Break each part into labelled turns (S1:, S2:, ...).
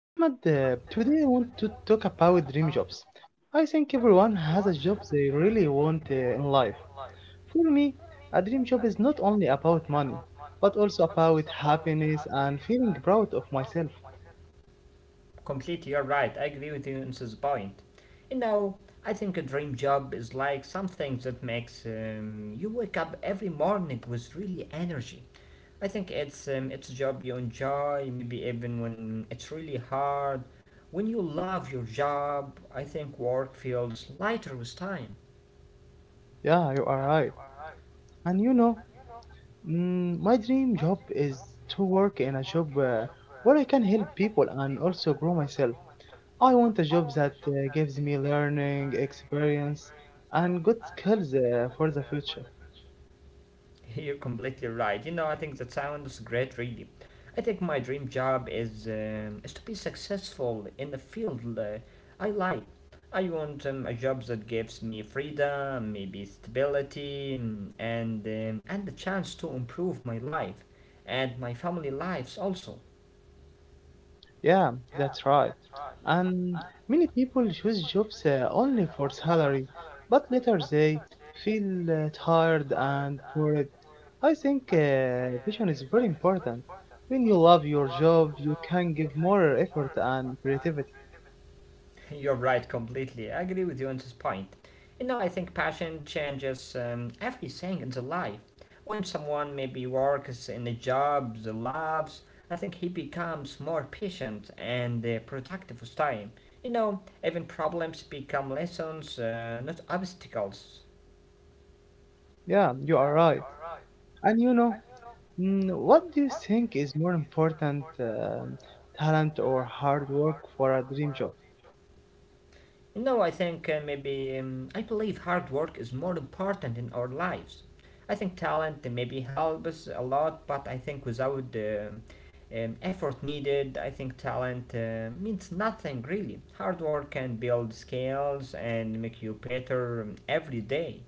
S1: Ahmad, today I want to talk about dream jobs. I think everyone has a job they really want in life. For me, a dream job is not only about money, but also about happiness and feeling proud of myself.
S2: Completely, you're right. I agree with you on this point. You know, I think a dream job is like something that makes you wake up every morning with really energy. I think it's a job you enjoy, maybe even when it's really hard. When you love your job, I think work feels lighter with time.
S1: Yeah, you are right. And you know, my dream job is to work in a job where I can help people and also grow myself. I want a job that gives me learning, experience, and good skills for the future.
S2: You're completely right. You know, I think that sounds great, really. I think my dream job is to be successful in the field I like. I want a job that gives me freedom, maybe stability, mm, and the chance to improve my life and my family lives also.
S1: Yeah, that's right. And many people choose jobs only for salary, but later they feel tired and bored. I think vision is very important. When you love your job, you can give more effort and creativity.
S2: You're right, completely. I agree with you on this point. You know, I think passion changes everything in the life. When someone maybe works in a job they loves, I think he becomes more patient and productive with time. You know, even problems become lessons, not obstacles.
S1: Yeah, you are right. And you know, what do you think is more important, talent or hard work for a dream job?
S2: You know, I think maybe I believe hard work is more important in our lives. I think talent maybe helps a lot, but I think without the effort needed, I think talent means nothing really. Hard work can build skills and make you better every day.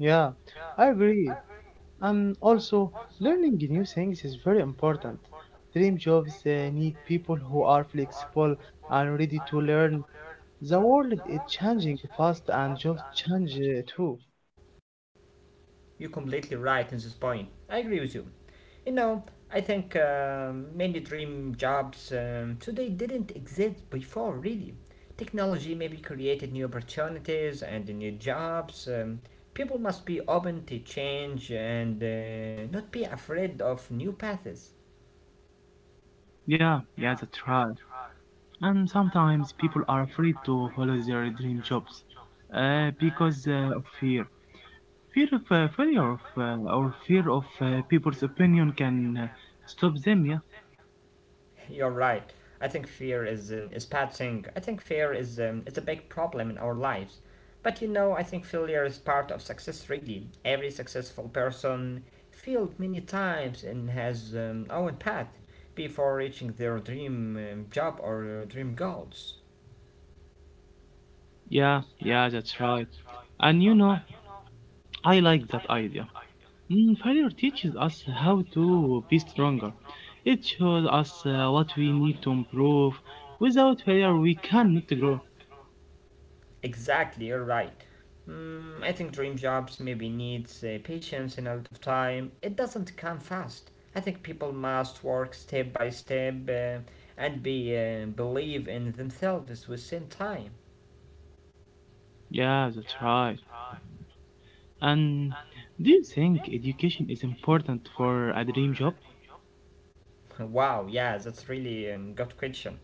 S1: Yeah, I agree. And also, learning new things is very important. Dream jobs need people who are flexible and ready to learn. The world is changing fast and jobs change too.
S2: You're completely right in this point. I agree with you. You know, I think many dream jobs today didn't exist before, really. Technology maybe created new opportunities and new jobs. People must be open to change and not be afraid of new paths.
S1: Yeah, yeah, that's right. And sometimes people are afraid to follow their dream jobs because of fear. Fear of failure of, or fear of people's opinion can stop them, yeah?
S2: You're right. I think fear is bad thing. I think fear is a big problem in our lives. But you know, I think failure is part of success. Really, every successful person failed many times and has own path before reaching their dream job or dream goals.
S1: Yeah, yeah, that's right. And you know, I like that idea. Failure teaches us how to be stronger. It shows us what we need to improve. Without failure, we cannot grow.
S2: Exactly, you're right. Mm, I think dream jobs maybe needs patience and a lot of time. It doesn't come fast. I think people must work step by step and be believe in themselves with same time.
S1: Yeah, that's right. And do you think education is important for a dream job?
S2: Wow, yeah, that's really good question.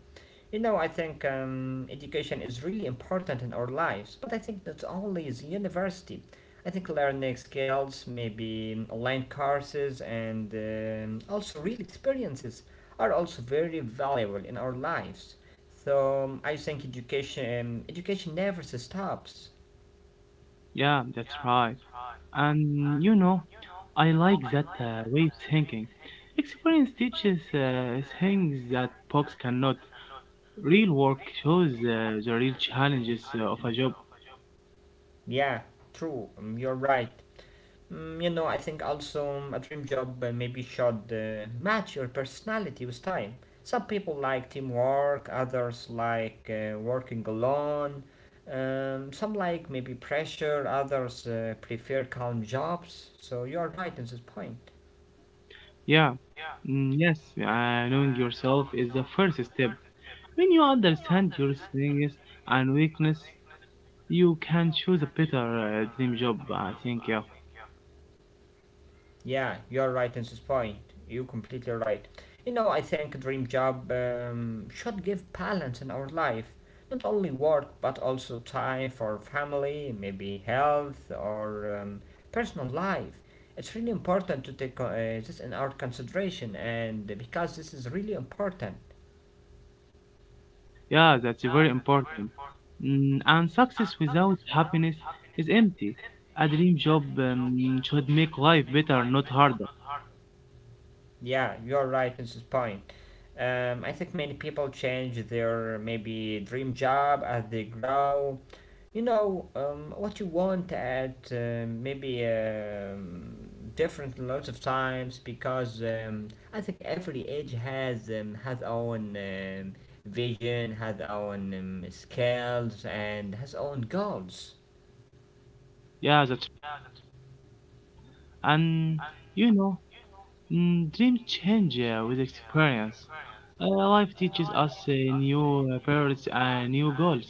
S2: You know, I think education is really important in our lives, but I think not only is university. I think learning skills, maybe online courses, and also real experiences are also very valuable in our lives. So I think education never stops.
S1: Yeah, that's right. And you know, I like that way of thinking. Experience teaches things that books cannot. Real work shows the real challenges of a job.
S2: Yeah, true. You're right. Mm, you know, I think also a dream job maybe should match your personality with time. Some people like teamwork, others like working alone, some like maybe pressure, others prefer calm jobs. So you are right in this point.
S1: Yeah, yes, knowing yourself is the first step. When you understand your strengths and weakness, you can choose a better dream job. I think, yeah,
S2: Yeah, you're right in this point. You're completely right. You know, I think dream job should give balance in our life. Not only work, but also time for family, maybe health or personal life. It's really important to take this in our consideration, and because this is really important.
S1: yeah, that's very important. And success without happiness is empty. A dream job should make life better, not harder.
S2: Yeah, you're right in this point. I think many people change their maybe dream job as they grow. You know, what you want at maybe different lots of times because I think every age has own vision, has own skills, and has own goals.
S1: Yeah, that's And you know, dreams change with experience. Life teaches us new priorities and new goals.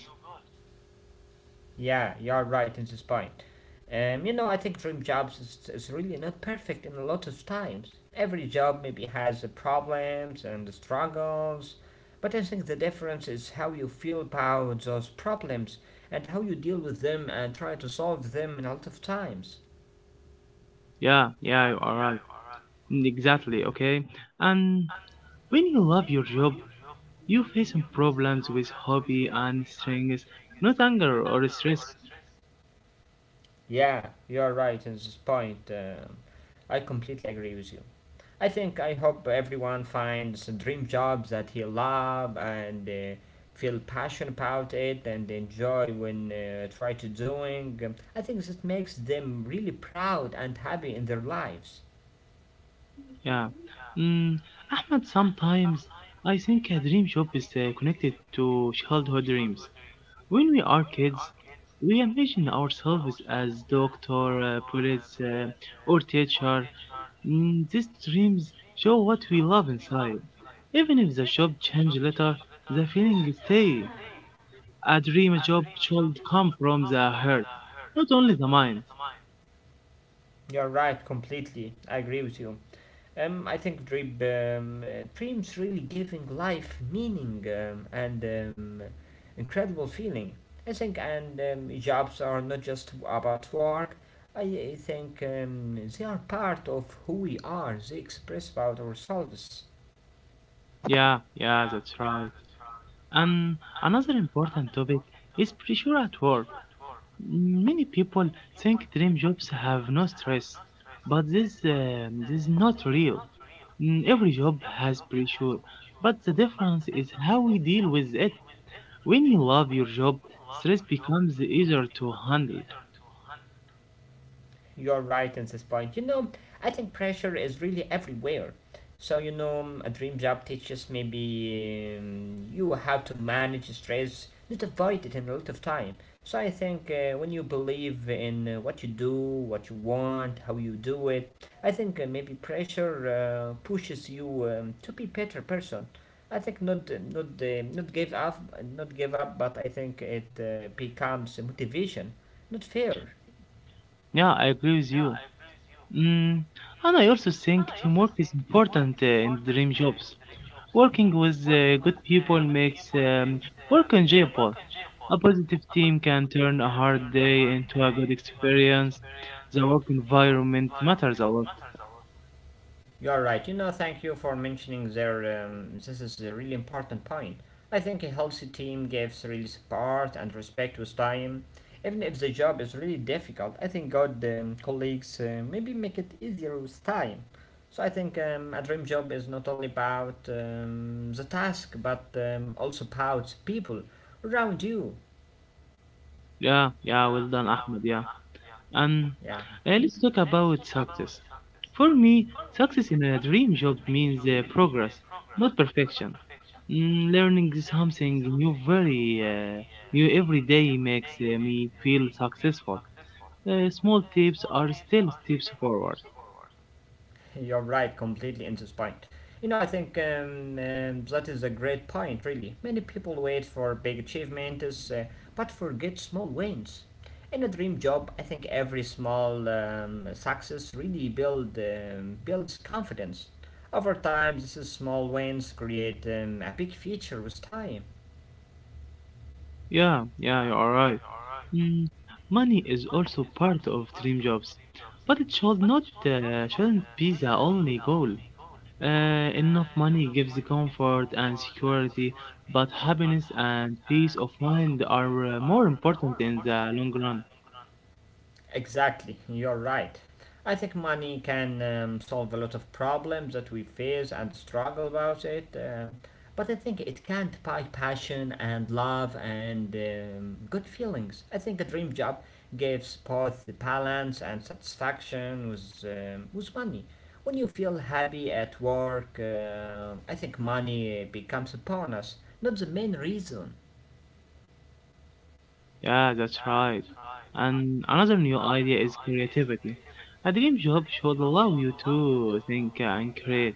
S2: Yeah, you're right in this point. You know, I think dream jobs is really not perfect in a lot of times. Every job maybe has the problems and the struggles, but I think the difference is how you feel about those problems and how you deal with them and try to solve them in a lot of times.
S1: Yeah, yeah, you are right. Exactly, okay? And when you love your job, you face some problems with hobby and strings, not anger or stress.
S2: Yeah, you're right in this point. I completely agree with you. I think I hope everyone finds a dream job that he love and feel passion about it and enjoy when try to doing. I think that makes them really proud and happy in their lives.
S1: Yeah. Mm, Ahmed, sometimes I think a dream job is connected to childhood dreams. When we are kids, we envision ourselves as doctor, police, or teacher. These dreams show what we love inside. Even if the job change later, the feeling stay. A dream job should come from the heart, not only the mind.
S2: You're right, completely. I agree with you. I think dreams really giving life meaning and incredible feeling. I think and jobs are not just about work. I, I think they are part of who we are. They express about ourselves.
S1: Yeah, yeah, that's right. And another important topic is pressure at work. Many people think dream jobs have no stress, but this is not real. Every job has pressure, but the difference is how we deal with it. When you love your job, stress becomes easier to handle.
S2: You're right at this point. You know, I think pressure is really everywhere. So, you know, a dream job teaches maybe you how to manage stress, not avoid it in a lot of time. So, I think when you believe in what you do, what you want, how you do it, I think maybe pressure pushes you to be better person. I think not not give up, not give up, but I think it becomes a motivation, not fear.
S1: Yeah, I agree with you. Mm, and I also think teamwork is important in dream jobs. Working with good people makes work enjoyable. A positive team can turn a hard day into a good experience. The work environment matters a lot.
S2: You're right. You know, thank you for mentioning there. This is a really important point. I think a healthy team gives really support and respect with time. Even if the job is really difficult, I think good colleagues maybe make it easier with time. So I think a dream job is not only about the task, but also about people around you.
S1: Yeah, yeah, well done, Ahmed. Yeah. And
S2: Yeah.
S1: let's talk about success. For me, success in a dream job means progress, not perfection. Learning something new very new every day makes me feel successful. Small tips are still steps forward.
S2: You're right, completely into spine. You know, I think that is a great point, really. Many people wait for big achievements but forget small wins. In a dream job, I think every small success really builds confidence. Over time, these small wins create a big future with time.
S1: Yeah, yeah, you are right. Mm, Money is also part of dream jobs, but it shouldn't be the only goal. Enough money gives the comfort and security, but happiness and peace of mind are more important in the long run.
S2: Exactly, you're right. I think money can solve a lot of problems that we face and struggle about it. But I think it can't buy passion and love and good feelings. I think a dream job gives both balance and satisfaction with money. When you feel happy at work, I think money becomes a bonus, not the main reason.
S1: Yeah, that's right. And another new idea is creativity. A dream job should allow you to think and create.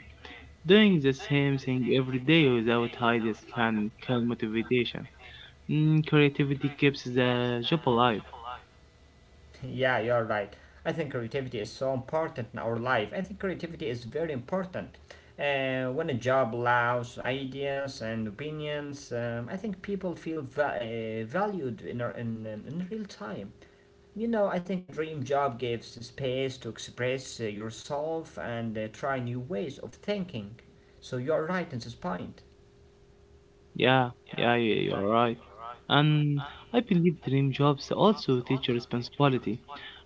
S1: Doing the same thing every day without ideas can kill motivation. Creativity keeps the job alive.
S2: Yeah, you're right. I think creativity is so important in our life. I think creativity is very important. When a job allows ideas and opinions, I think people feel valued in in real time. You know, I think a dream job gives the space to express yourself and try new ways of thinking. So you're right in this point.
S1: Yeah, yeah, you're right. And I believe dream jobs also teach you responsibility.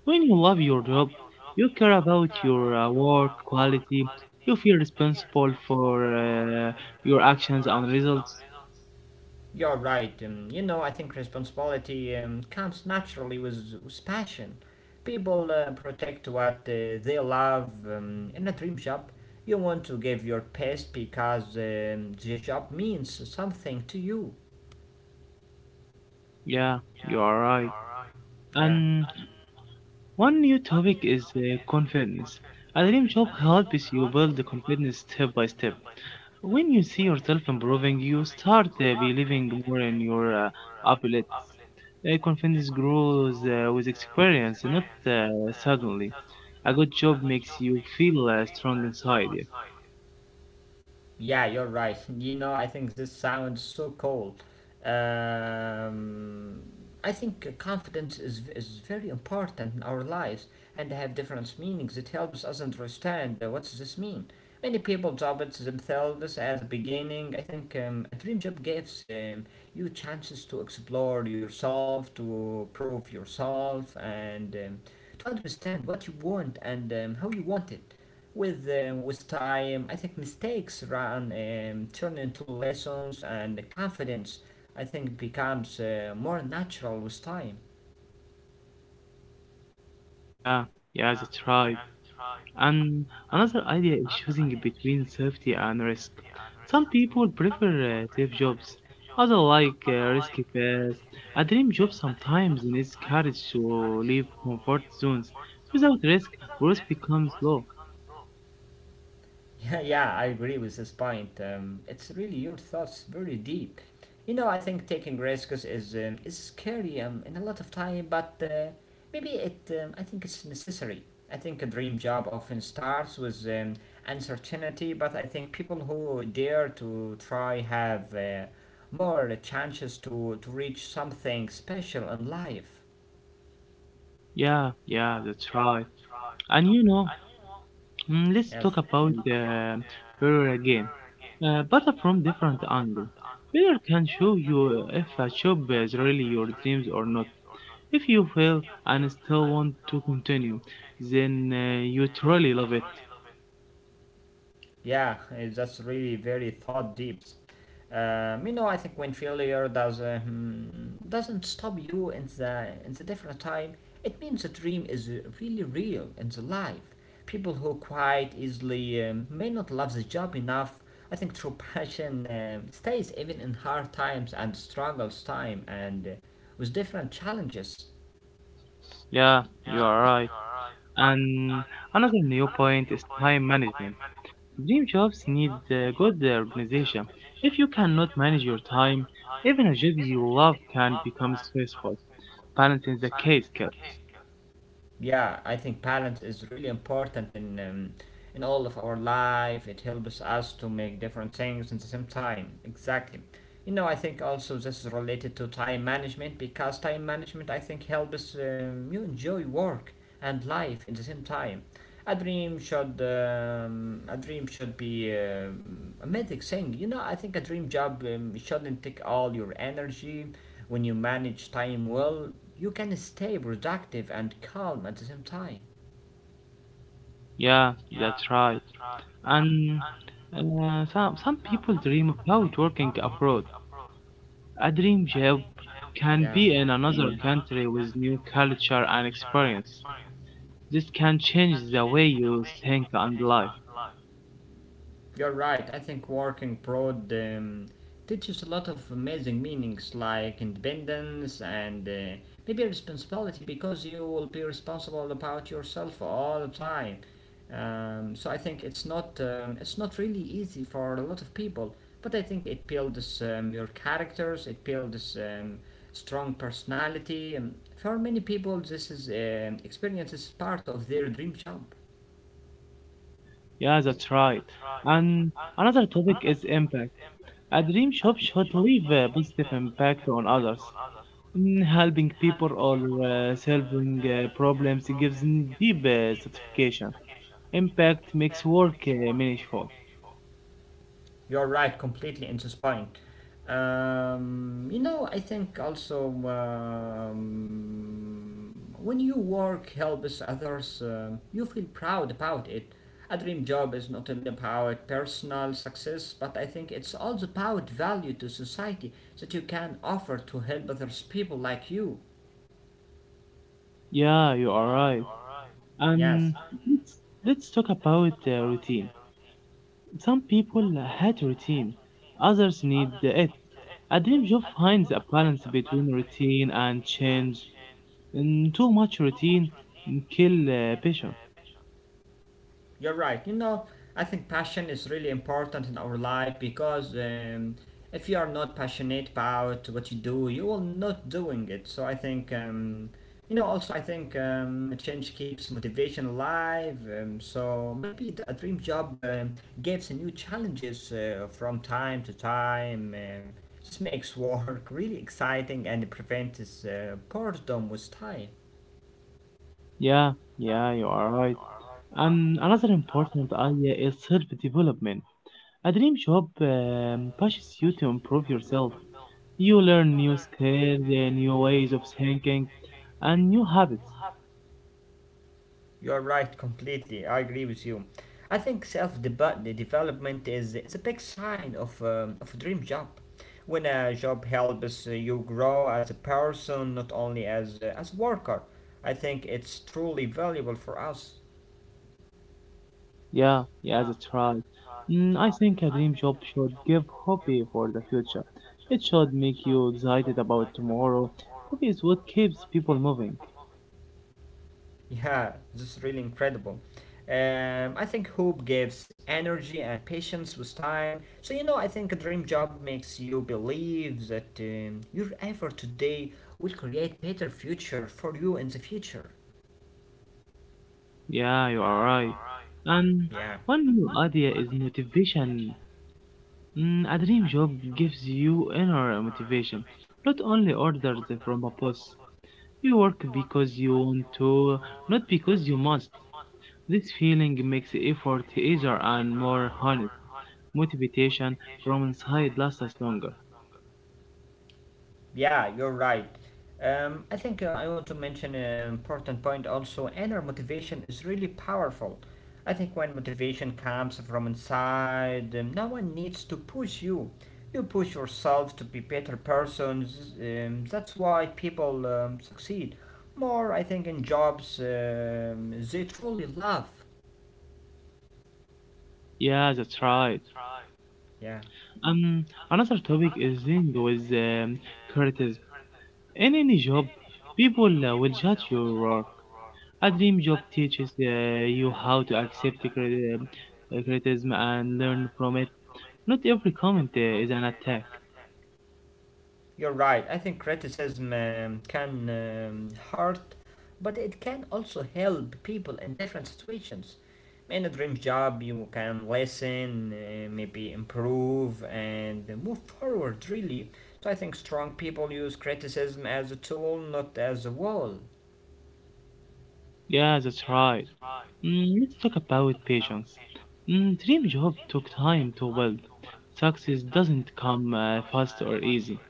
S1: When you love your job, you care about your work quality. You feel responsible for your actions and results.
S2: You're right. You know, I think responsibility comes naturally with passion. People protect what they love in a dream job. You want to give your best because the job means something to you.
S1: Yeah, you are right.
S2: Yeah.
S1: And one new topic is confidence. A dream job helps you build the confidence step by step. When you see yourself improving, you start believing more in your abilities. Confidence grows with experience, not suddenly. A good job makes you feel strong inside.
S2: Yeah, you're right. You know, I think this sounds so cold. Um, I think confidence is very important in our lives and they have different meanings. It helps us understand what does this mean. Many people job it themselves at the beginning. I think a dream job gives you chances to explore yourself, to prove yourself, and to understand what you want and how you want it. With with time, I think mistakes run turn into lessons, and confidence I think becomes more natural with time.
S1: Yeah, yeah, yeah, that's right. And another idea is choosing between safety and risk. Some people prefer safe jobs, others like risky paths. A dream job sometimes needs courage to leave comfort zones. Without risk, growth becomes low.
S2: Yeah, yeah, I agree with this point. It's really your thoughts very deep. You know, I think taking risks is scary in a lot of time, but maybe it. I think it's necessary. I think a dream job often starts with uncertainty, but I think people who dare to try have more chances to reach something special in life.
S1: Yeah, yeah, that's right. And you know, let's
S2: Yes.
S1: talk about failure again, but from different angle. Failure can show you if a job is really your dreams or not. If you fail and still want to continue, then you truly love it.
S2: Yeah, it's just really very thought deeps. You know, I think when failure does doesn't stop you in the different time, it means the dream is really real in the life. People who quite easily may not love the job enough. I think true passion stays even in hard times and struggles time and with different challenges.
S1: Yeah, you are right. And another new point is time management. Dream jobs need good organization. If you cannot manage your time, even a job you love can become stressful. Balance is the key skill.
S2: Yeah, I think balance is really important in all of our life. It helps us to make different things at the same time. Exactly. You know, I think also this is related to time management because time management I think helps you enjoy work and life in the same time. A dream should be a magic thing. You know, I think a dream job shouldn't take all your energy. When you manage time well, you can stay productive and calm at the same time.
S1: Yeah, that's right. And some people dream about working abroad. A dream job can be
S2: Yeah.
S1: in another country with new culture and experience. This can change the way you think and life.
S2: You're right. I think working abroad teaches a lot of amazing meanings like independence and maybe responsibility because you will be responsible about yourself all the time. So I think it's not really easy for a lot of people, but I think it builds your characters. It builds strong personality. For many people, this is experience is part of their dream job.
S1: Yeah, that's right. And another topic is impact. A dream job should leave a positive impact on others. Helping people or solving problems gives deep satisfaction. Impact makes work meaningful.
S2: You're right, completely in this point. I think also when you work, helps others, you feel proud about it. A dream job is not only about personal success, but I think it's also about value to society that you can offer to help others people like you.
S1: Yeah, you are right.
S2: Yes.
S1: And let's, let's talk about routine. Some people hate routine, others need it. A dream job finds a balance between routine and change. Too much routine kill patience.
S2: You're right. You know, I think passion is really important in our life because if you are not passionate about what you do, you will not doing it. So I think, also I think change keeps motivation alive. So maybe a dream job gives new challenges from time to time. This makes work really exciting and prevents boredom with time.
S1: Yeah, yeah, you are right. And another important idea is self-development. A dream job pushes you to improve yourself. You learn new skills, new ways of thinking, and new habits.
S2: You're right, completely. I agree with you. I think self development is a big sign of a dream job. When a job helps you grow as a person, not only as a worker, I think it's truly valuable for us.
S1: Yeah, yeah, that's right. I think a dream job should give hope for the future. It should make you excited about tomorrow. Hope is what keeps people moving.
S2: Yeah, this is really incredible. I think hope gives energy and patience with time. So, I think a dream job makes you believe that your effort today will create better future for you in the future.
S1: Yeah, you are right. And
S2: Yeah,
S1: one new idea is motivation. A dream job gives you inner motivation, not only orders from a boss. You work because you want to, not because you must. This feeling makes effort easier and more honest. Motivation from inside lasts longer.
S2: yeah, you're right. I think I want to mention an important point also. Inner motivation is really powerful. I think when motivation comes from inside, no one needs to push you. You push yourself to be better persons. That's why people succeed more. I think in jobs they truly love.
S1: Yeah, that's right.
S2: Yeah.
S1: Another topic is linked with criticism. In any job, people will judge your work. A dream job teaches you how to accept criticism and learn from it. Not every comment is an attack.
S2: You're right. I think criticism can hurt, but it can also help people in different situations. In a dream job, you can listen, maybe improve, and move forward, really. So I think strong people use criticism as a tool, not as a wall.
S1: Yeah, that's right. Let's talk about patience. Dream job took time to build. Success doesn't come fast or easy.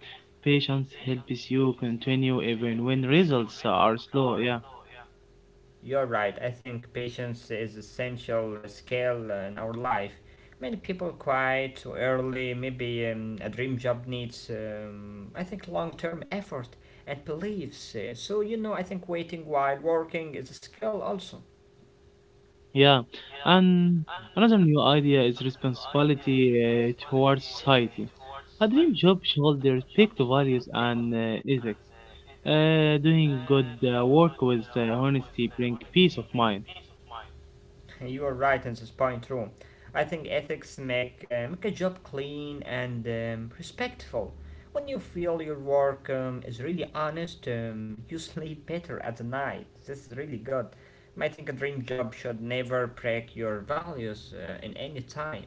S1: Patience helps you continue even when results are slow. Yeah,
S2: You're right. I think patience is essential skill in our life. Many people quit too early. Maybe a dream job needs, I think, long-term effort and beliefs. So you know, I think waiting while working is a skill also.
S1: yeah. And another new idea is responsibility towards society. A dream job should respect values and ethics. Doing good work with honesty bring peace of mind.
S2: You are right in this is point, too. I think ethics make make a job clean and respectful. When you feel your work is really honest, you sleep better at the night. This is really good. I think a dream job should never break your values in any time.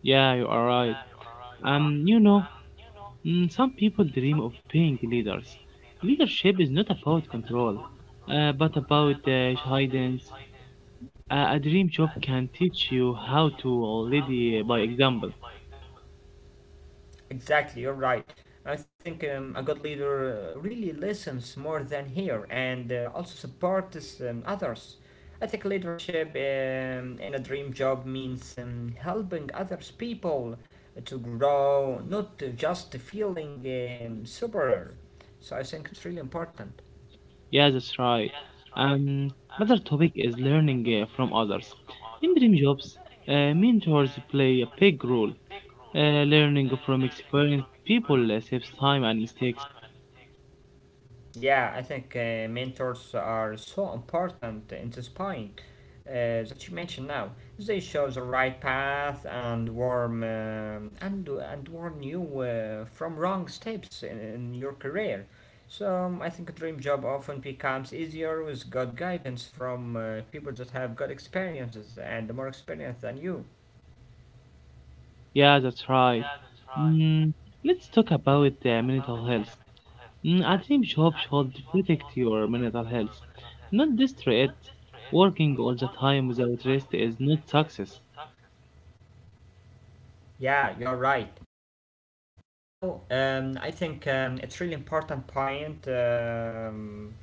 S1: Yeah, you are right. You know, some people dream of being leaders. Leadership is not about control, but about guidance. A dream job can teach you how to lead by example.
S2: Exactly, you're right. I think a good leader really listens more than hear and also supports others. I think leadership in a dream job means helping others people to grow, not just feeling superior. So I think it's really important.
S1: Yeah, that's right. Um, Another topic is learning from others. In dream jobs, mentors play a big role. Learning from experienced people saves time and mistakes.
S2: Yeah, I think mentors are so important in this point that you mentioned now. They show the right path and warm and warn you from wrong steps in your career. So I think a dream job often becomes easier with good guidance from people that have good experiences and more experience than you.
S1: Yeah, that's right. Mm, let's talk about mental health. A dream job should protect your mental health, not destroy it. Working all the time without rest is not success.
S2: Yeah, you're right. Now, I think it's really important point.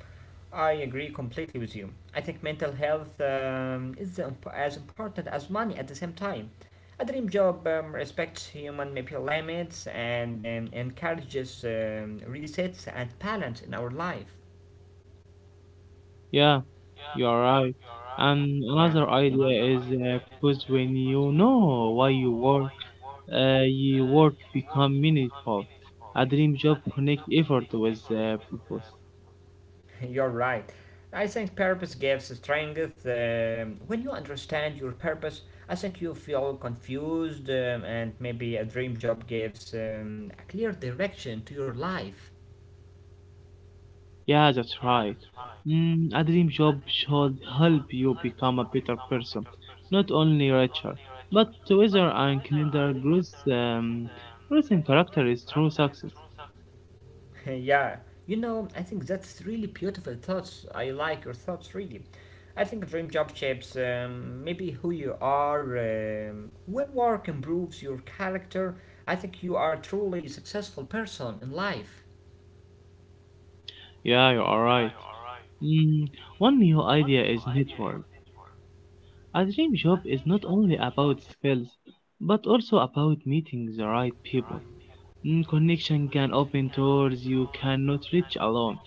S2: I agree completely with you. I think mental health is as important as money at the same time. A dream job respects human maybe limits and encourages resets and balance in our life.
S1: Yeah, you are right. And
S2: Yeah.
S1: another idea is because when you know why you work, your work become meaningful. A dream job connect effort with purpose.
S2: You're right. I think purpose gives strength. When you understand your purpose, I think you feel confused, and maybe a dream job gives a clear direction to your life.
S1: Yeah, that's right. A dream job should help you become a better person, not only richer, but wiser and kinder growth, growth in character is true success.
S2: Yeah, you know, I think that's really beautiful thoughts. I like your thoughts really. I think a dream job shapes maybe who you are. When work improves your character, I think you are a truly successful person in life.
S1: Yeah, you are right. Mm, One new idea is network. A dream job is not only about skills, but also about meeting the right people. Connection can open doors you cannot reach alone.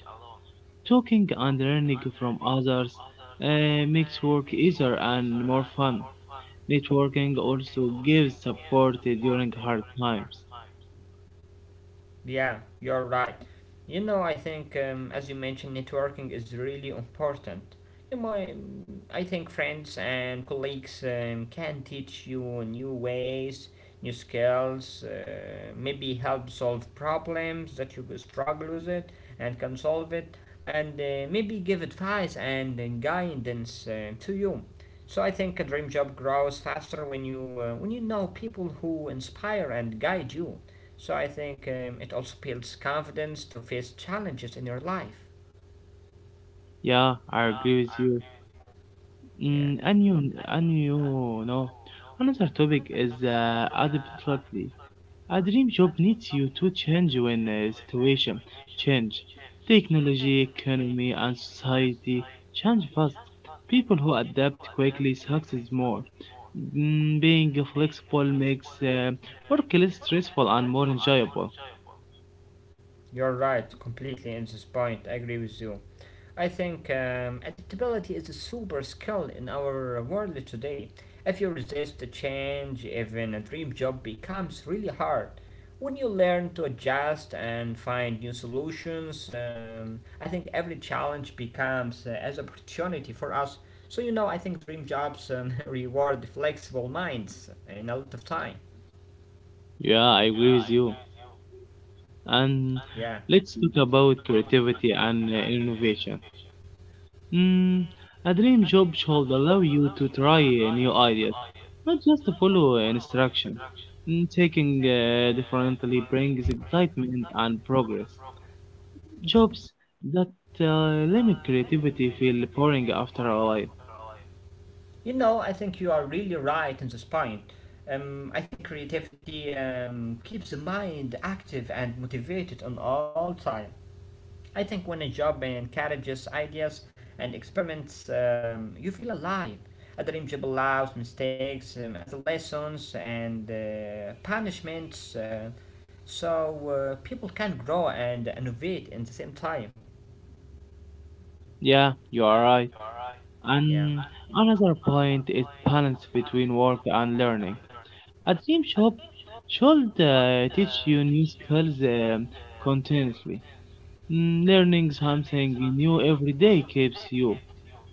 S1: Talking and learning from others makes work easier and more fun. Networking also gives support during hard times.
S2: Yeah, you're right. You know, I think, as you mentioned, networking is really important. You know, I think friends and colleagues can teach you new ways, new skills, maybe help solve problems that you could struggle with it and can solve it, and maybe give advice and guidance to you. So I think a dream job grows faster when you when you know people who inspire and guide you. So I think it also builds confidence to face challenges in your life.
S1: Yeah, I agree with you.
S2: Yeah,
S1: Mm, and you know, another topic is adaptability. A dream job needs you to change when situation change. Technology, economy, and society change fast. People who adapt quickly succeed more. Being flexible makes work less stressful and more enjoyable.
S2: you're right completely in this point. I agree with you. I think adaptability is a super skill in our world today. If you resist the change, even a dream job becomes really hard. When you learn to adjust and find new solutions, I think every challenge becomes as opportunity for us. So you know, I think dream jobs reward flexible minds in a lot of time.
S1: Yeah, I agree with you. And
S2: Yeah.
S1: let's talk about creativity and innovation. Mm, a dream job should allow you to try new ideas, not just to follow instruction. Taking differently brings excitement and progress. Jobs that limit creativity feel boring after a while.
S2: You know, I think you are really right in this point. I think creativity keeps the mind active and motivated on all time. I think when a job encourages ideas and experiments, you feel alive. A dream job allows mistakes as lessons and punishments, so people can grow and innovate in the same time.
S1: Yeah, you are right.
S2: Yeah,
S1: And another point is balance between work and learning. A dream job should teach you new skills continuously. Learning something new every day keeps you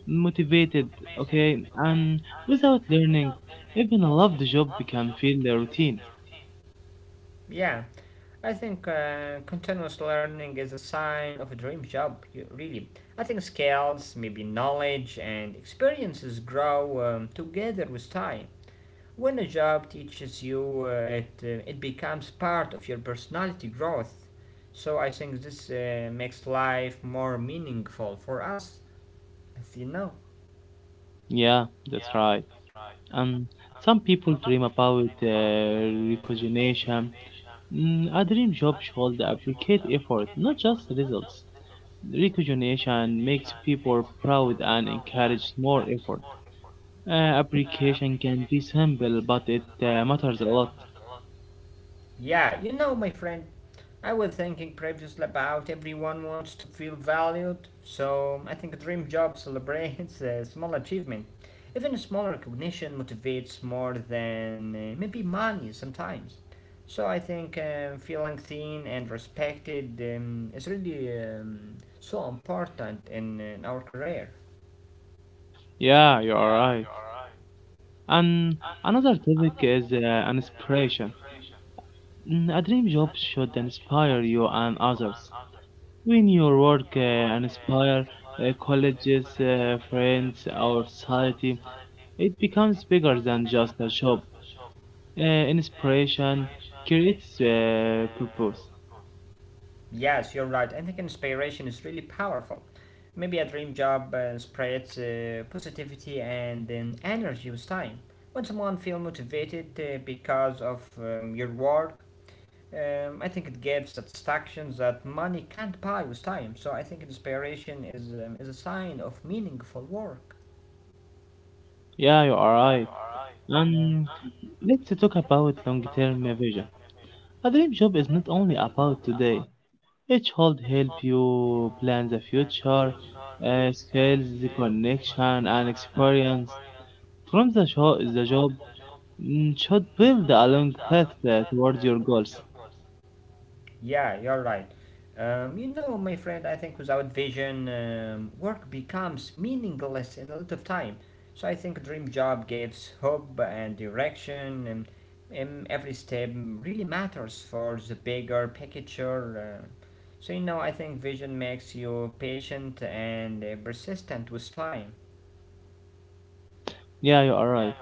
S1: motivated, okay? And without learning, even a loved job can feel the routine.
S2: yeah. I think continuous learning is a sign of a dream job, really. I think skills, maybe knowledge, and experiences grow together with time. When a job teaches you, it becomes part of your personality growth. So I think this makes life more meaningful for us, as you know.
S1: Yeah, that's right. And some people dream about recognition. A dream job should appreciate effort, not just results. Recognition makes people proud and encourages more effort. Application can be simple, but it matters a lot.
S2: Yeah, you know, my friend, I was thinking previously about everyone wants to feel valued, so I think a dream job celebrates a small achievement. Even a small recognition motivates more than maybe money sometimes. So I think feeling seen and respected is really so important in our career.
S1: Yeah, you are right. And another topic is inspiration. A dream job should inspire you and others. When your work inspire colleges, friends, our society, it becomes bigger than just a job. Inspiration creates purpose.
S2: Yes, you're right. I think inspiration is really powerful. Maybe a dream job spreads positivity and then energy with time. When someone feels motivated because of your work, I think it gives satisfactions that money can't buy with time. So I think inspiration is a sign of meaningful work.
S1: Yeah, you are right.
S2: Yeah.
S1: And let's talk about long-term vision. A dream job is not only about today. Each hold help you plan the future, skills, the connection, and experience from the job should build a long path towards your goals.
S2: Yeah, you're right. You know, my friend, I think without vision, work becomes meaningless in a lot of time. So I think dream job gives hope and direction, and every step really matters for the bigger picture. So you know, I think vision makes you patient and persistent with time.
S1: Yeah, you are right.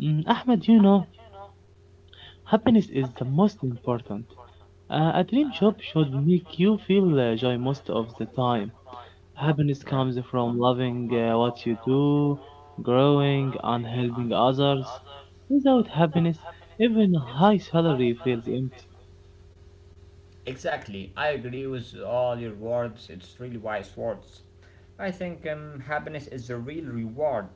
S1: Ahmed, you know, happiness is the most important. A dream job should make you feel joy most of the time. Happiness
S2: Yeah,
S1: comes from loving what you do, growing, and helping others. Without happiness, even a high salary feels empty.
S2: exactly. I agree with all your words. It's really wise words. I think happiness is a real reward.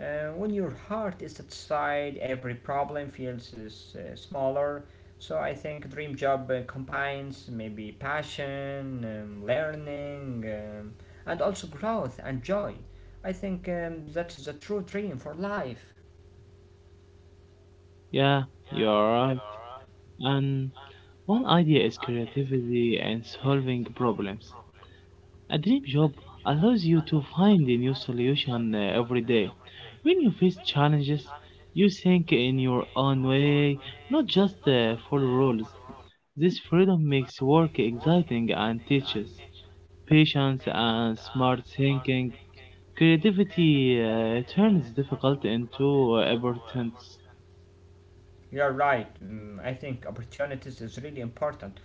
S2: When your heart is satisfied, every problem feels smaller. So I think dream job combines maybe passion, learning, and also growth and joy. I think that is the true dream for life.
S1: Yeah, you're right. And one idea is creativity and solving problems. A dream job allows you to find a new solution every day. When you face challenges, you think in your own way, not just follow rules. This freedom makes work exciting and teaches patience and smart thinking. Creativity turns difficult into importance.
S2: You're right. Mm, I think opportunities is really important.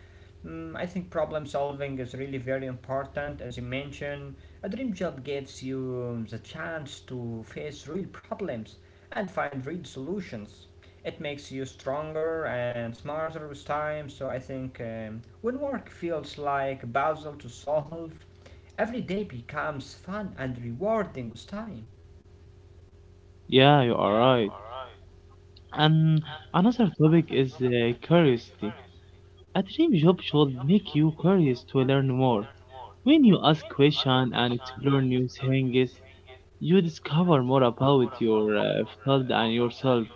S2: Mm, I think problem solving is really very important. As you mentioned, a dream job gives you the chance to face real problems and find real solutions. It makes you stronger and smarter with time. So I think when work feels like a puzzle to solve, every day becomes fun and rewarding with time.
S1: Yeah, you are right. And another topic is curiosity. A dream job should make you curious to learn more. When you ask questions and explore new things, you discover more about your field and yourself.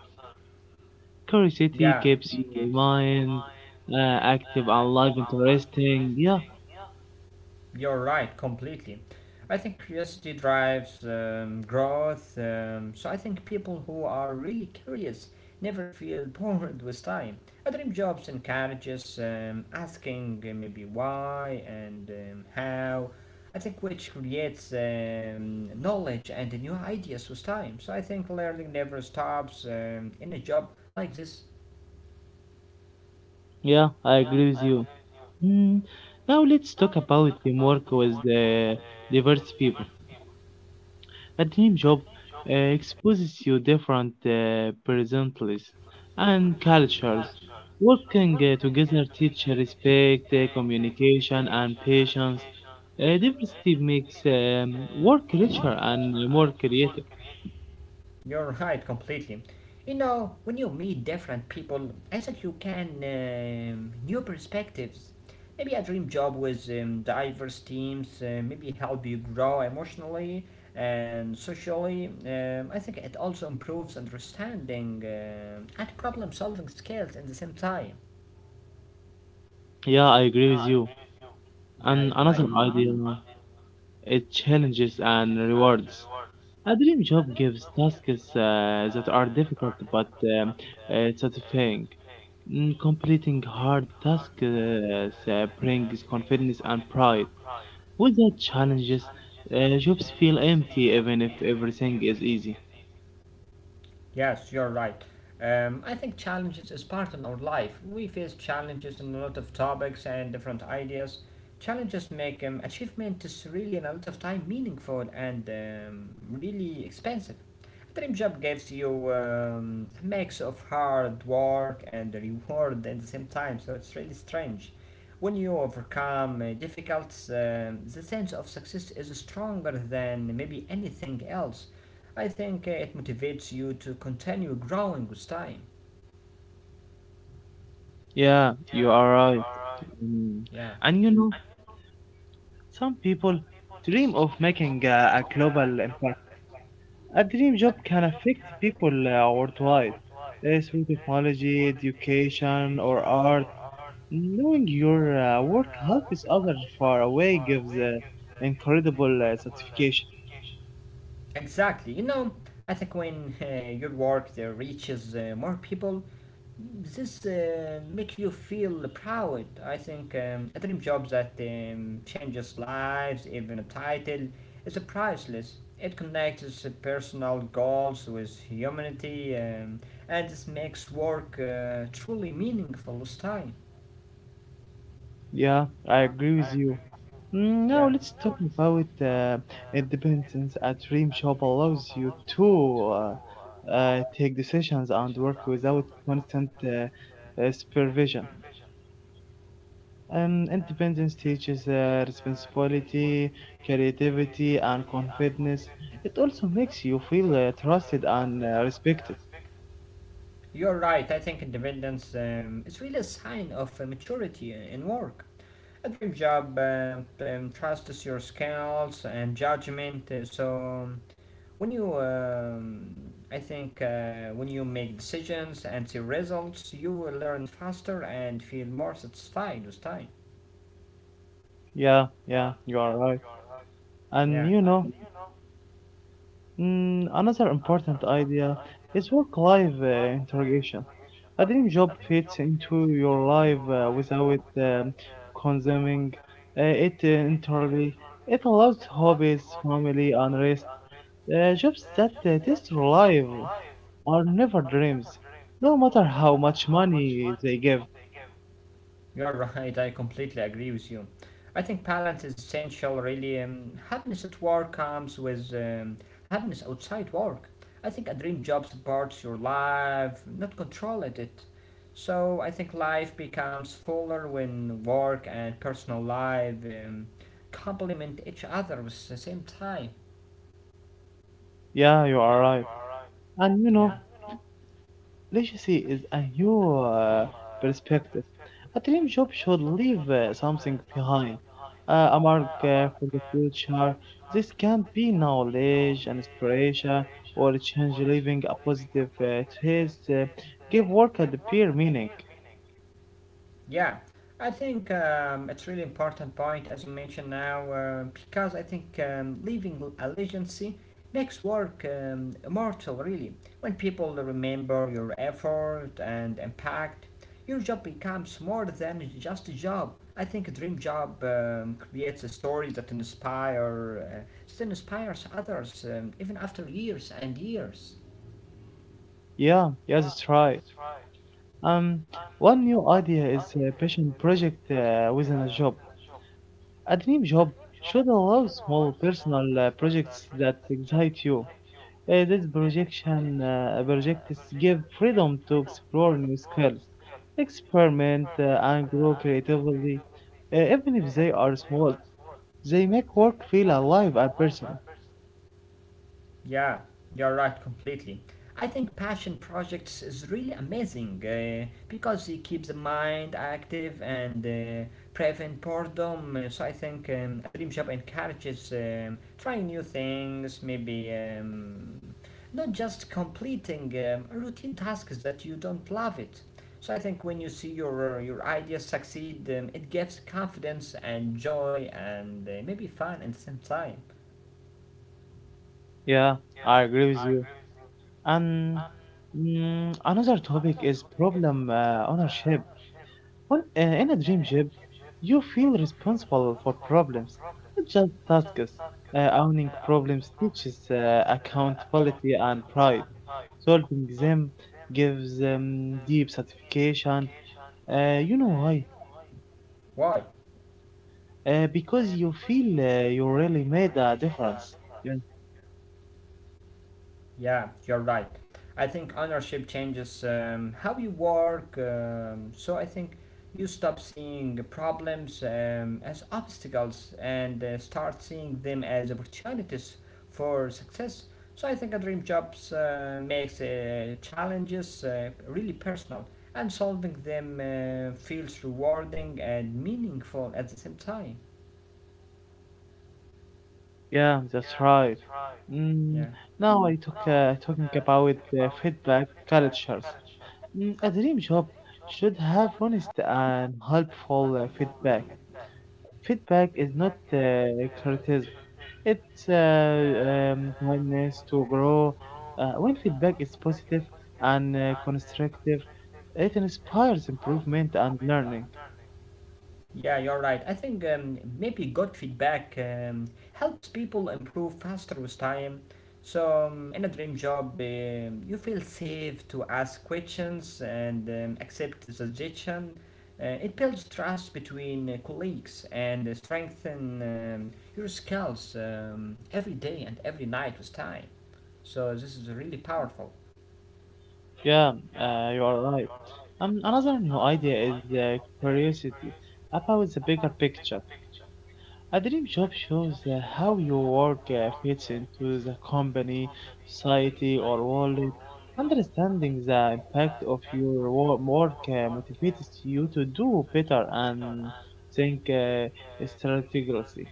S1: Curiosity
S2: Yeah.
S1: keeps your mind active and life interesting. Yeah,
S2: You're right, completely. I think curiosity drives growth. So I think people who are really curious never feel bored with time. A dream jobs encourages asking maybe why and how. I think which creates knowledge and new ideas with time. So I think learning never stops in a job like this.
S1: yeah, I agree with you. Mm, Now let's talk about teamwork with diverse people. A dream job exposes you different personalities and cultures. Working together teach respect, communication, and patience. Diversity makes work richer and more creative.
S2: You're right, completely. You know, when you meet different people, I think you can new perspectives. Maybe a dream job with diverse teams, maybe help you grow emotionally and socially. I think it also improves understanding and problem solving skills in the same time.
S1: Yeah, I agree with you.
S2: Yeah,
S1: And
S2: you're
S1: another
S2: right.
S1: idea, it challenges and rewards. A dream job gives tasks that are difficult but um, satisfying. Completing hard tasks brings confidence and pride. Without challenges, jobs feel empty even if everything is easy.
S2: Yes, you're right. I think challenges is part of our life. We face challenges in a lot of topics and different ideas. Challenges make achievement is really in a lot of time meaningful and really expensive. A dream job gives you a mix of hard work and reward at the same time, so it's really strange. When you overcome difficulties, the sense of success is stronger than maybe anything else. I think it motivates you to continue growing with time.
S1: Yeah, you are right. Mm.
S2: Yeah,
S1: And you know, some people dream of making a global impact. A dream job can affect people worldwide through technology, education, or art. Knowing your work helps others far away gives incredible satisfaction.
S2: exactly. You know, I think when your work reaches more people, this make you feel proud. I think a dream job that changes lives, even a title, is a priceless. It connects personal goals with humanity, and this makes work truly meaningful with time.
S1: Yeah, I agree with you. Now
S2: Yeah.
S1: let's talk about independence. A dream job allows you to take decisions and work without constant supervision. Independence teaches responsibility, creativity, and confidence. It also makes you feel trusted and respected.
S2: You're right, I think independence is really a sign of maturity in work. A dream job trusts your skills and judgment, so when when you make decisions and see results, you will learn faster and feel more satisfied with time.
S1: Yeah, you are right. And
S2: Yeah.
S1: you know, another important idea is work-life integration. A dream job fits into your life without consuming it entirely. It allows hobbies, family, and rest. Jobs that test your life are never dreams, no matter how much money they give.
S2: You're right, I completely agree with you. I think balance is essential, really. Happiness at work comes with happiness outside work. I think a dream job supports your life, not control it. So I think life becomes fuller when work and personal life complement each other at the same time.
S1: Yeah, you are right. And you
S2: Yeah.
S1: know, legacy is a new perspective. A dream job should leave something behind, a mark for the future. This can be knowledge and inspiration, or a change leaving a positive trace. Give work a deeper meaning.
S2: Yeah, I think it's really important point as you mentioned now because I think leaving a legacy makes work immortal really. When people remember your effort and impact, your job becomes more than just a job. I think a dream job creates a story that inspires others even after years and years.
S1: Yeah, that's right. Um, One new idea is a passion project within a job. A dream job should allow small personal projects that excite you. This projection projects give freedom to explore new skills, experiment, and grow creatively. Even if they are small, they make work feel alive and personal.
S2: Yeah, you're right completely. I think passion projects is really amazing because it keeps the mind active and prevent boredom. So I think a dream job encourages trying new things, maybe not just completing routine tasks that you don't love it. So I think when you see your ideas succeed, it gives confidence and joy and maybe fun at the same time.
S1: Yeah, I agree with you. And another topic is problem ownership. When in a dream job, you feel responsible for problems, not just tasks. Owning problems teaches accountability and pride. Solving them gives deep satisfaction. You know why?
S2: Why?
S1: Because you feel you really made a difference. Yeah,
S2: Yeah, you're right. I think ownership changes how you work. So I think you stop seeing problems as obstacles and start seeing them as opportunities for success. So I think a dream jobs makes challenges really personal and solving them feels rewarding and meaningful at the same time.
S1: yeah that's right.
S2: Yeah.
S1: Mm, now I talk talking about feedback cultures. A dream job should have honest and helpful feedback. Feedback is not criticism. It's willingness to grow. When feedback is positive and constructive, it inspires improvement and learning.
S2: Yeah, you're right. I think maybe good feedback helps people improve faster with time. So, in a dream job, you feel safe to ask questions and accept suggestion. It builds trust between colleagues and strengthen your skills every day and every night with time. So, this is really powerful.
S1: Yeah, you are right. Another new idea is curiosity about the bigger picture. A dream job shows how your work fits into the company, society, or world. Understanding the impact of your work motivates you to do better and think strategically.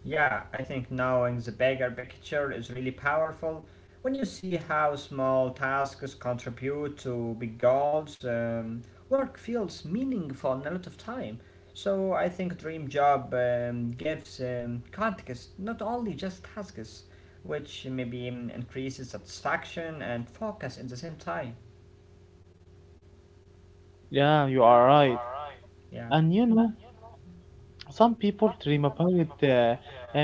S2: Yeah, I think knowing the bigger picture is really powerful. When you see how small tasks contribute to big goals, work feels meaningful a lot of time. So I think dream job gives context, not only just tasks, which maybe increases satisfaction and focus at the same time.
S1: Yeah, you are right.
S2: Yeah.
S1: And you know, some people dream about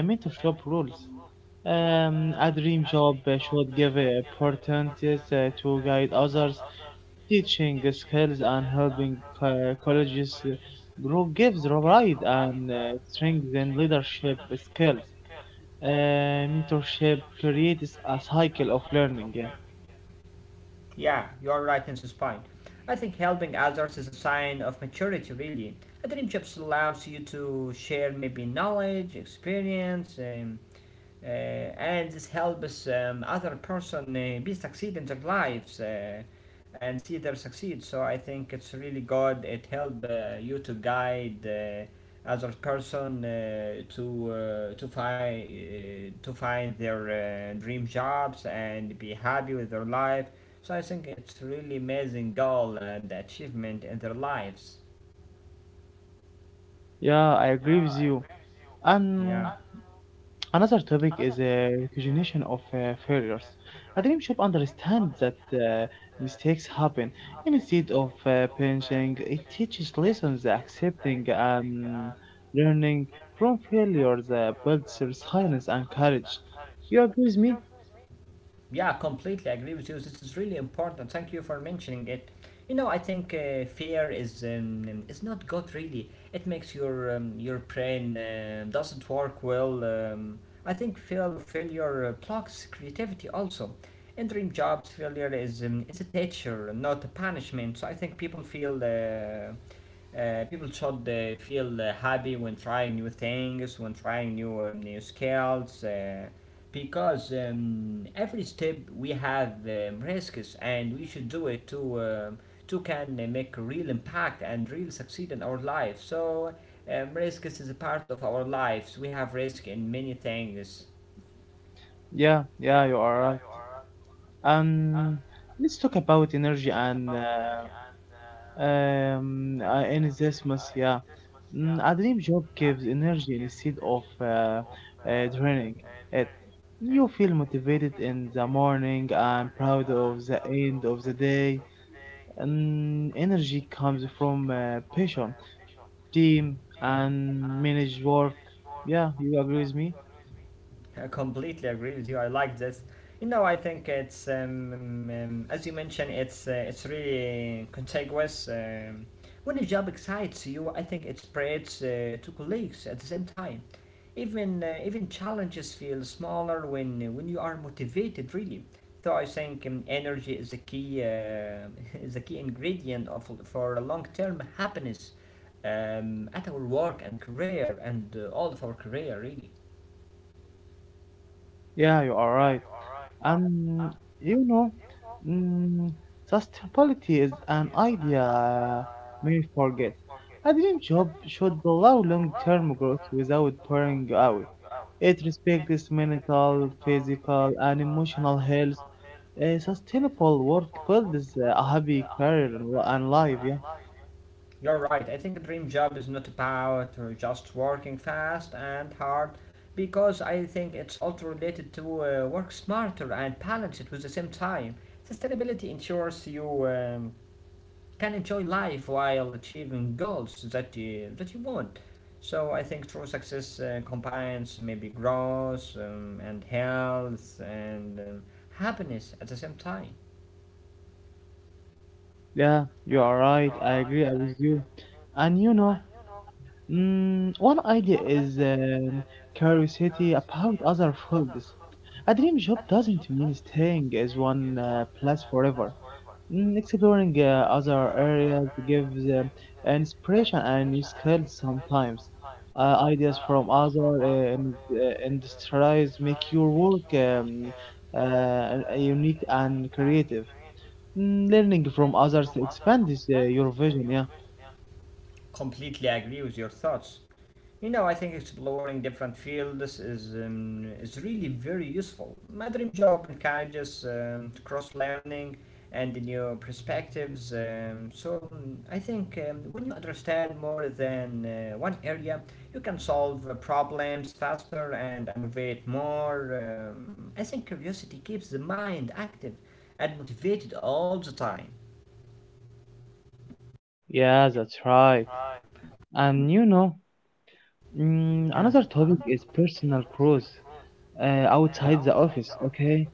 S1: mentorship roles. A dream job should give opportunities to guide others, teaching skills and helping colleges grow gives pride and strength in leadership skills. Uh, Mentorship creates a cycle of learning. Yeah,
S2: Yeah, you're right in this point. I think helping others is a sign of maturity, really. A dream job allows you to share maybe knowledge, and this helps other person be succeed in their lives and see their succeed. So I think it's really good. It help you to guide other person to find their dream jobs and be happy with their life. So I think it's really amazing goal and achievement in their lives.
S1: yeah, I agree with you.
S2: Yeah,
S1: And another topic is recognition of failures. A dream should understand that mistakes happen. Instead of punishing, it teaches lessons, accepting and learning from failures builds resilience and courage. You agree with me?
S2: Yeah, completely agree with you. This is really important. Thank you for mentioning it. You know, I think fear is not good really. It makes your brain doesn't work well. I think fear of failure blocks creativity also. In dream jobs, failure is a teacher, not a punishment. So I think people should feel happy when trying new things, when trying new skills, because every step we have risks, and we should do it to can make a real impact and real succeed in our life. So risks is a part of our lives. We have risk in many things.
S1: Yeah, you are right. And let's talk about energy and in this month, yeah. A dream job gives energy instead of draining it. You feel motivated in the morning and proud of the end of the day. And energy comes from passion, team, and managed work. Yeah, you agree with me?
S2: I completely agree with you. I like this. You know, I think it's as you mentioned, it's really contiguous. When a job excites you, I think it spreads to colleagues at the same time. Even challenges feel smaller when you are motivated, really. So I think energy is a key is a key ingredient of for long term happiness at our work and career and all of our career, really.
S1: Yeah, you are right. And you know, mm, sustainability is an idea many forget. A dream job should allow long-term growth without burning out. It respects mental, physical, and emotional health. A sustainable work builds a happy career and life. Yeah,
S2: You're right, I think a dream job is not about just working fast and hard because I think it's also related to work smarter and balance it with the same time. Sustainability ensures you can enjoy life while achieving goals that you want. So I think true success combines maybe growth and health and happiness at the same time.
S1: yeah, you are right. I agree with you. And you know. One idea is curiosity about other fields. A dream job doesn't mean staying as one place forever. Exploring other areas gives inspiration and new skills sometimes. Ideas from other industries make your work unique and creative. Learning from others expands your vision, yeah.
S2: Completely agree with your thoughts. You know, I think exploring different fields is really very useful. My dream job encourages cross learning and new perspectives. So I think when you understand more than one area, you can solve problems faster and innovate more. I think curiosity keeps the mind active and motivated all the time.
S1: Yeah, that's right. And you know,
S2: Yeah,
S1: another topic is personal growth outside the office. Okay.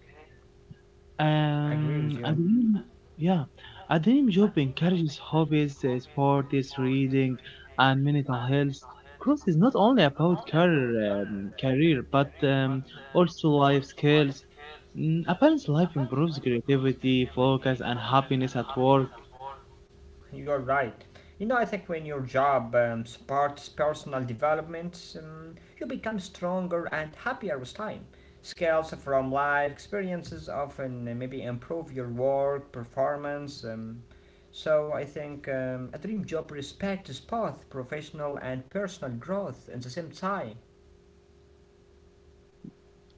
S2: I agree
S1: Um,
S2: with
S1: a
S2: you.
S1: dream, yeah, a dream job encourages hobbies, sports, reading, and mental health. Growth is not only about career, but also life skills. A balanced life improves creativity, focus, and happiness at work.
S2: You're right. You know, I think when your job supports personal development, you become stronger and happier with time. Skills from life experiences often maybe improve your work performance. So I think a dream job respects both professional and personal growth at the same time.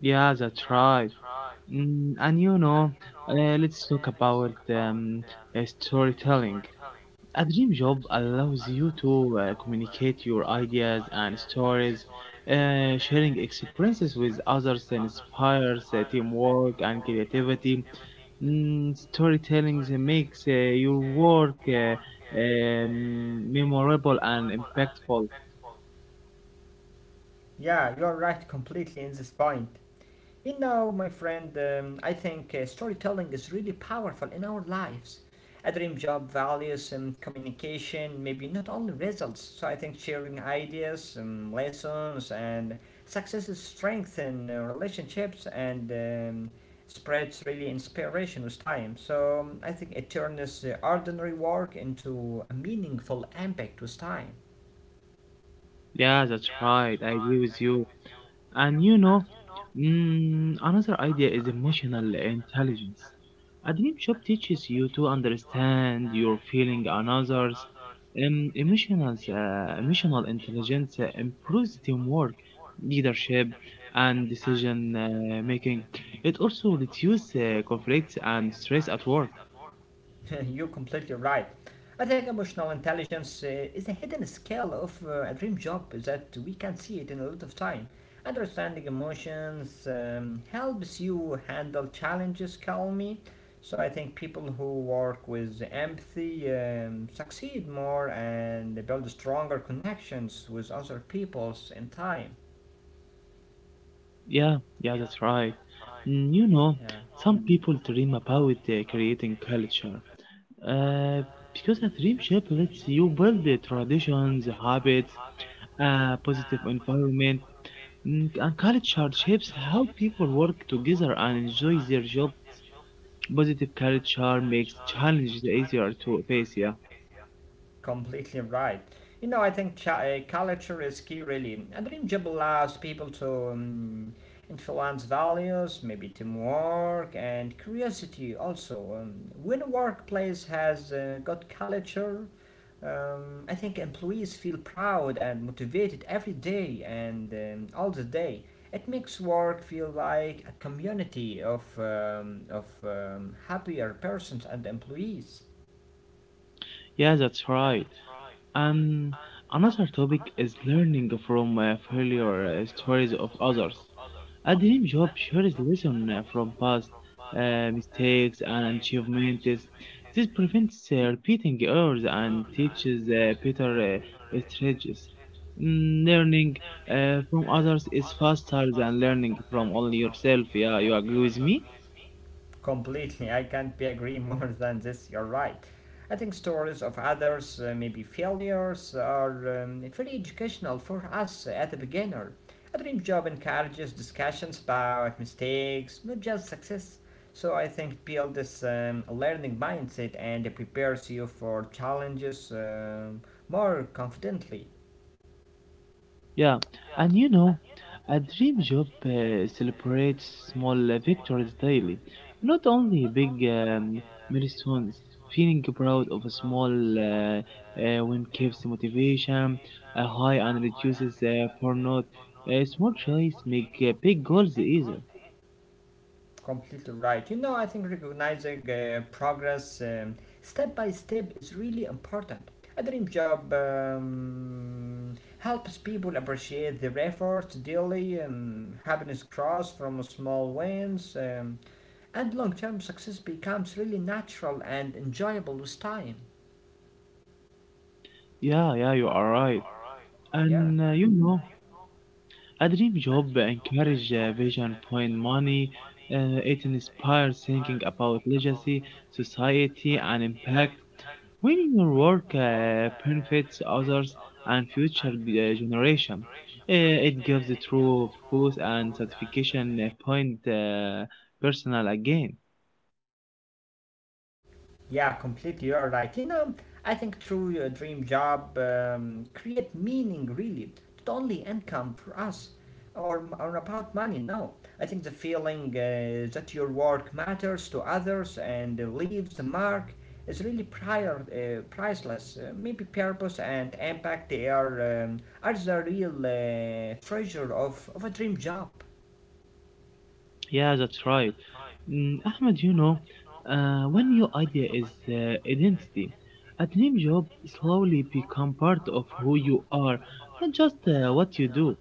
S1: Yeah, that's right. And you know, let's talk about storytelling. A dream job allows you to communicate your ideas and stories, sharing experiences with others inspires teamwork and creativity. Storytelling that makes your work memorable and impactful.
S2: Yeah, you're right completely in this point. You know, my friend, I think storytelling is really powerful in our lives. A dream job values communication, maybe not only results. So I think sharing ideas, lessons, and successes strengthen relationships and spreads really inspiration with time. So I think it turns ordinary work into a meaningful impact with time.
S1: Yeah, that's right. I agree with you. And you know, another idea is emotional intelligence. A dream job teaches you to understand your feeling and others. Emotional intelligence improves teamwork, leadership, and decision making. It also reduces conflict and stress at work.
S2: You're completely right. I think emotional intelligence is a hidden skill of a dream job that we can see it in a lot of time. Understanding emotions helps you handle challenges calmly. So I think people who work with empathy succeed more and they build stronger connections with other peoples in time.
S1: Yeah, that's right. You know, some people dream about creating culture, Uh, because a dream shape lets you build the traditions, habits, a positive environment, and culture shapes how people work together and enjoy their jobs. Positive culture makes challenges easier to face. Yeah,
S2: Completely right. You know, I think culture is key, really. A dream job allows people to influence values, maybe teamwork and curiosity also. When a workplace has got culture, I think employees feel proud and motivated every day and all the day. It makes work feel like a community of happier persons and employees.
S1: yeah, that's right. And another topic is learning from failure stories of others. A dream job shares lessons from past mistakes and achievements. This prevents repeating errors and teaches better strategies. Learning from others is faster than learning from only yourself. Yeah, you agree with me?
S2: Completely, I can't be agree more than this. You're right. I think stories of others, maybe failures, are very educational for us at the beginner. A dream job encourages discussions about mistakes, not just success. So I think build this a learning mindset and it prepares you for challenges more confidently.
S1: Yeah, and you know, a dream job celebrates small victories daily, not only big milestones. Feeling proud of a small win keeps motivation high and reduces burnout. Small choice make big goals easier.
S2: Completely right. You know, I think recognizing progress step by step is really important. A dream job helps people appreciate their efforts daily. Um, happiness grows from small wins, and long term success becomes really natural and enjoyable with time.
S1: Yeah, you are right.
S2: Yeah.
S1: And you know. A dream job encourages vision point money. It inspires thinking about legacy, society, and impact. When your work benefits others and future generation, it gives the true boost and satisfaction point personal again.
S2: Yeah, completely. You are right. You know, I think through your dream job, create meaning really, not only income for us or about money. No, I think the feeling that your work matters to others and leaves a mark is really priceless. Maybe purpose and impact they are the real treasure of a dream job.
S1: Yeah, that's right. Ahmed, you know, when your idea is identity. A dream job slowly become part of who you are, not just what you do.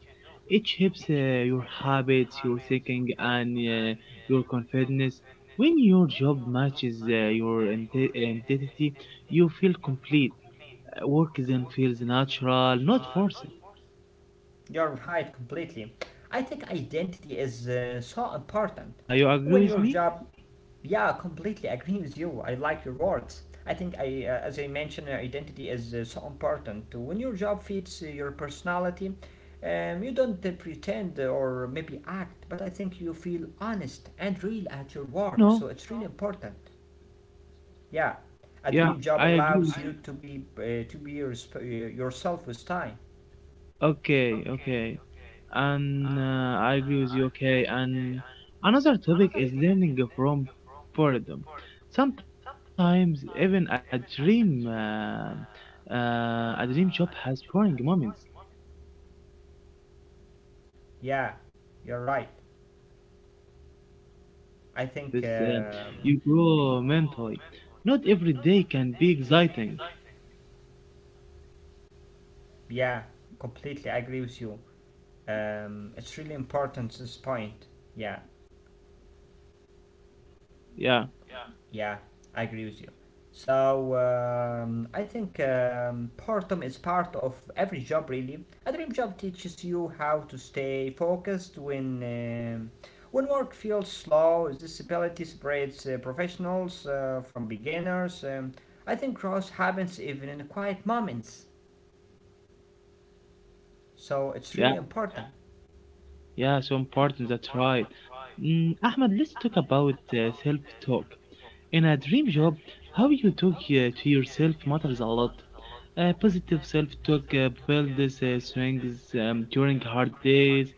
S1: It shapes your habits, your thinking, and your confidence. When your job matches your identity, you feel complete. Work then feels natural, not forced.
S2: You're right, completely. I think identity is so important
S1: Yeah, you agree
S2: when
S1: with
S2: your
S1: me?
S2: job Yeah, completely agree with you. I like your words. As I mentioned, identity is so important. When your job fits your personality, you don't pretend or maybe act, but I think you feel
S1: Yeah,
S2: honest and real at your
S1: and you
S2: work. So
S1: know,
S2: it's really important. Yeah, a
S1: yeah,
S2: dream job
S1: I agree.
S2: allows you to be yourself with time.
S1: Okay, okay. And I agree with you, okay. And another topic is learning from boredom. Sometimes even a dream job has boring moments. These moments teach patience and
S2: Yeah, you're
S1: discipline.
S2: right.
S1: Learning how to pass boring tasks
S2: I
S1: helps
S2: think
S1: uh, you grow mentally. Not every day can be exciting.
S2: yeah, completely agree with you. It's really important this point. Yeah.
S1: Yeah,
S2: Yeah, I agree with you. So I think boredom is part of every job, really. A dream job teaches you how to stay focused when work feels slow. This ability separates professionals from beginners. I think growth happens even in quiet moments. So it's really
S1: yeah.
S2: important.
S1: Yeah, so important. That's right. Ahmed, let's talk about self-talk. In a dream job, how you talk to yourself matters a lot. Positive self-talk builds strengths during hard days.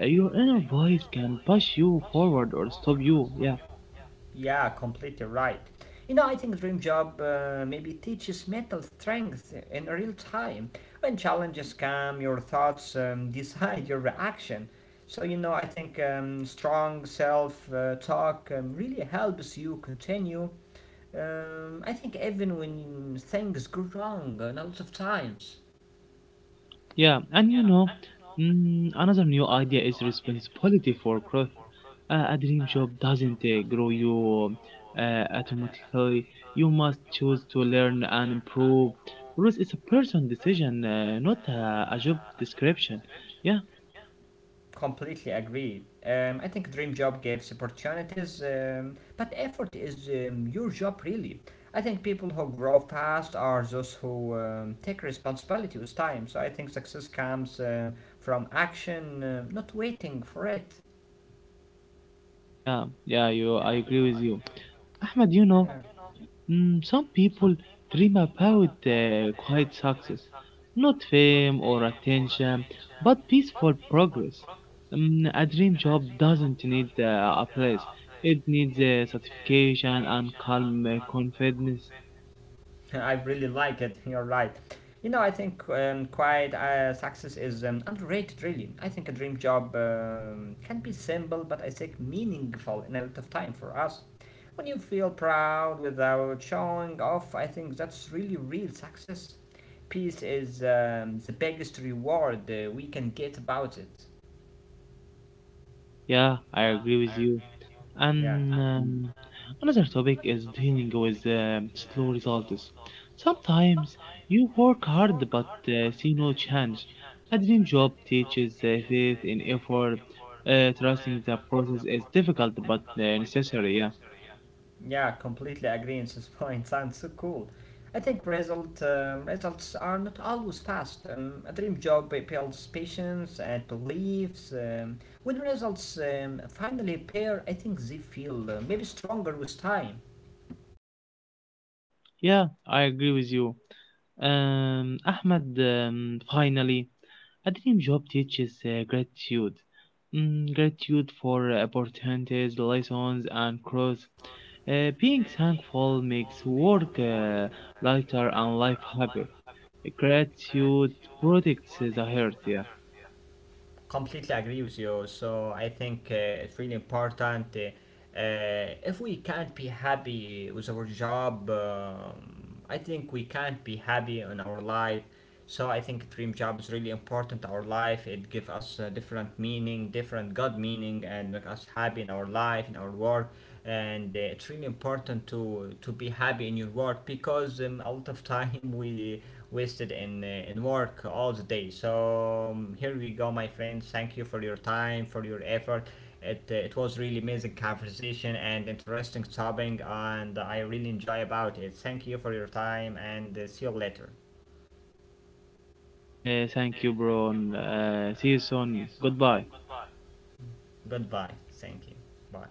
S1: Your inner voice can push you forward or stop you. Yeah.
S2: Yeah, completely right. You know, I think Dream Job maybe teaches mental strength in real time. When challenges come, your thoughts decide your reaction. So, you know, I think strong self talk really helps you continue. I think even when things go wrong, and a lot of times.
S1: Yeah, and you know, another new idea is responsibility for growth. A dream job doesn't grow you automatically. You must choose to learn and improve. Growth is a personal decision, not a job description. Yeah,
S2: Completely agree. I think dream job gives opportunities, but effort is your job really. I think people who grow fast are those who take responsibility with time. So I think success comes from action, not waiting for it.
S1: I agree with you, Ahmed. You know, some people dream about quiet success, not fame or attention, but peaceful progress. A dream job doesn't need a place, it needs satisfaction and calm confidence.
S2: I really like it. You're right. You know, I think quiet success is underrated, really. I think a dream job can be simple, but I think meaningful in a lot of time for us. When you feel proud without showing off, I think that's really real success. Peace is the biggest reward we can get about it.
S1: Yeah, I agree with you.
S2: Yeah.
S1: And another topic is dealing with slow results. Sometimes you work hard but see no change. A dream job teaches faith in effort. Trusting the process is difficult but necessary. Yeah,
S2: Yeah, completely agree on this point. Sounds so cool. I think result results are not always fast. A dream job builds patience and beliefs. When results finally appear, I think they feel maybe stronger with time.
S1: yeah, I agree with you. Ahmed, finally, a dream job teaches gratitude. Gratitude for opportunities, lessons, and growth. Being thankful makes work lighter and life happier. Gratitude protects the heart, yeah.
S2: Completely agree with you. So I think it's really important. If we can't be happy with our job, I think we can't be happy in our life. So I think dream job is really important in our life. It gives us a different meaning, different God meaning, and make us happy in our life, in our work. And it's really important to be happy in your work because a lot of time we wasted in work all the day. So here we go, my friends. Thank you for your time, for your effort. It, it was really amazing conversation and interesting topic, and I really enjoy about it. Thank you for your time, and see you later.
S1: Thank you, bro. And, see you soon. Goodbye.
S2: Goodbye. Thank you. Bye.